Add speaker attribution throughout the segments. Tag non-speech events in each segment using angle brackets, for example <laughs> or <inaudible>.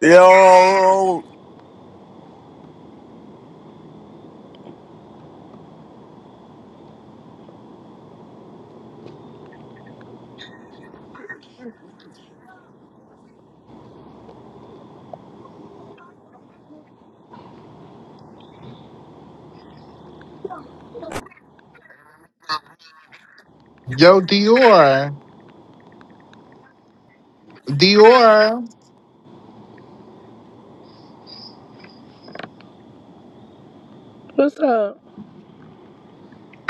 Speaker 1: Yo,
Speaker 2: Yo, Dior, Dior,
Speaker 3: What's up?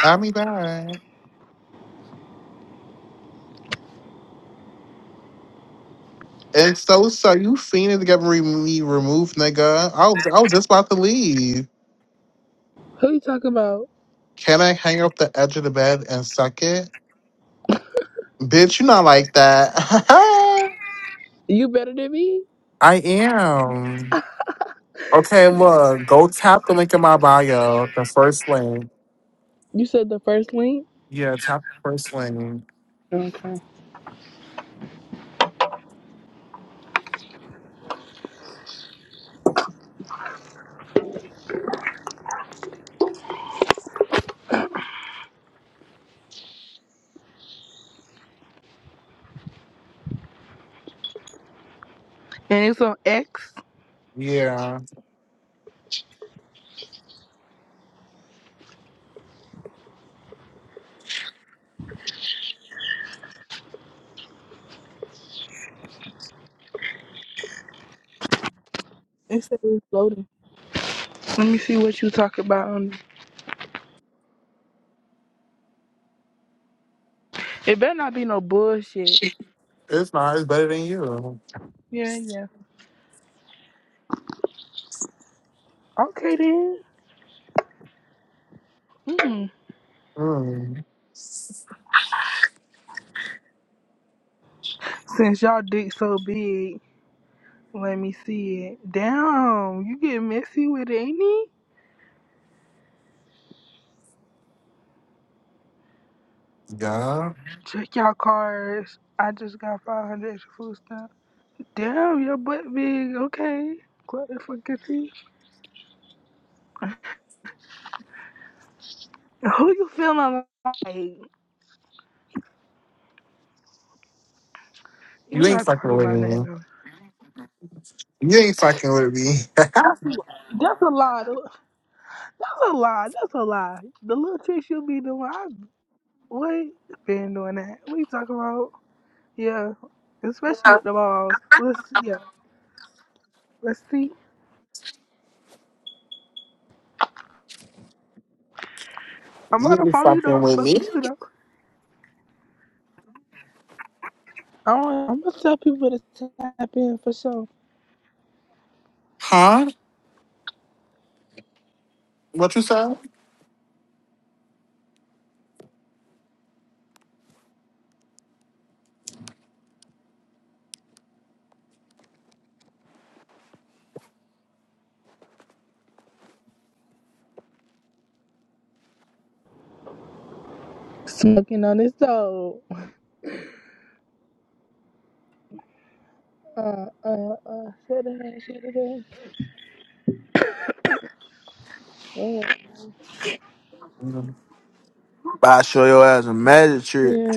Speaker 2: I'm back. And so, so you seen it get re- me removed, nigga? I was, I was just about to leave.
Speaker 3: Who you talking about?
Speaker 2: Can I hang up the edge of the bed and suck it, bitch? You not like that. <laughs>
Speaker 3: You better than me?
Speaker 2: I am. Okay, look, go tap the link in my bio, the first link.
Speaker 3: You said the first link,
Speaker 2: Yeah, tap the first link.
Speaker 3: and it's on X.
Speaker 2: Yeah,
Speaker 3: It said it's loading. Let me see what you talking about. on- It better not be no bullshit.
Speaker 2: it's not. It's better than you.
Speaker 3: Yeah, yeah. Okay then. Mm.
Speaker 2: Mm.
Speaker 3: Since y'all dick so big, let me see it. Damn, you get messy with it, ain't it?
Speaker 2: Yeah,
Speaker 3: Check y'all cards. I just got 500 extra food stamps. Damn, your butt big. Okay. What the fuck is he? Who you feeling like? You're
Speaker 2: you ain't
Speaker 3: not talking
Speaker 2: fucking with
Speaker 3: about nothing
Speaker 2: me.
Speaker 3: though.
Speaker 2: You ain't fucking with me.
Speaker 3: That's a, that's a lie. though. That's a lie. That's a lie. The little tricks you'll be doing, I wait been doing that. What you talking about? Yeah, especially with the balls. Let's yeah, let's see. I'm
Speaker 2: You
Speaker 3: gonna
Speaker 2: ain't
Speaker 3: follow you though. I
Speaker 2: fucking with
Speaker 3: Fuck
Speaker 2: me,
Speaker 3: with you though. I'm, I'm gonna tell people to tap in for sure.
Speaker 2: huh? What you said?
Speaker 3: Smoking on this dog. Uh uh uh. Shut it, shut it. Yeah.
Speaker 1: I show your ass a magic trick.
Speaker 3: Yeah.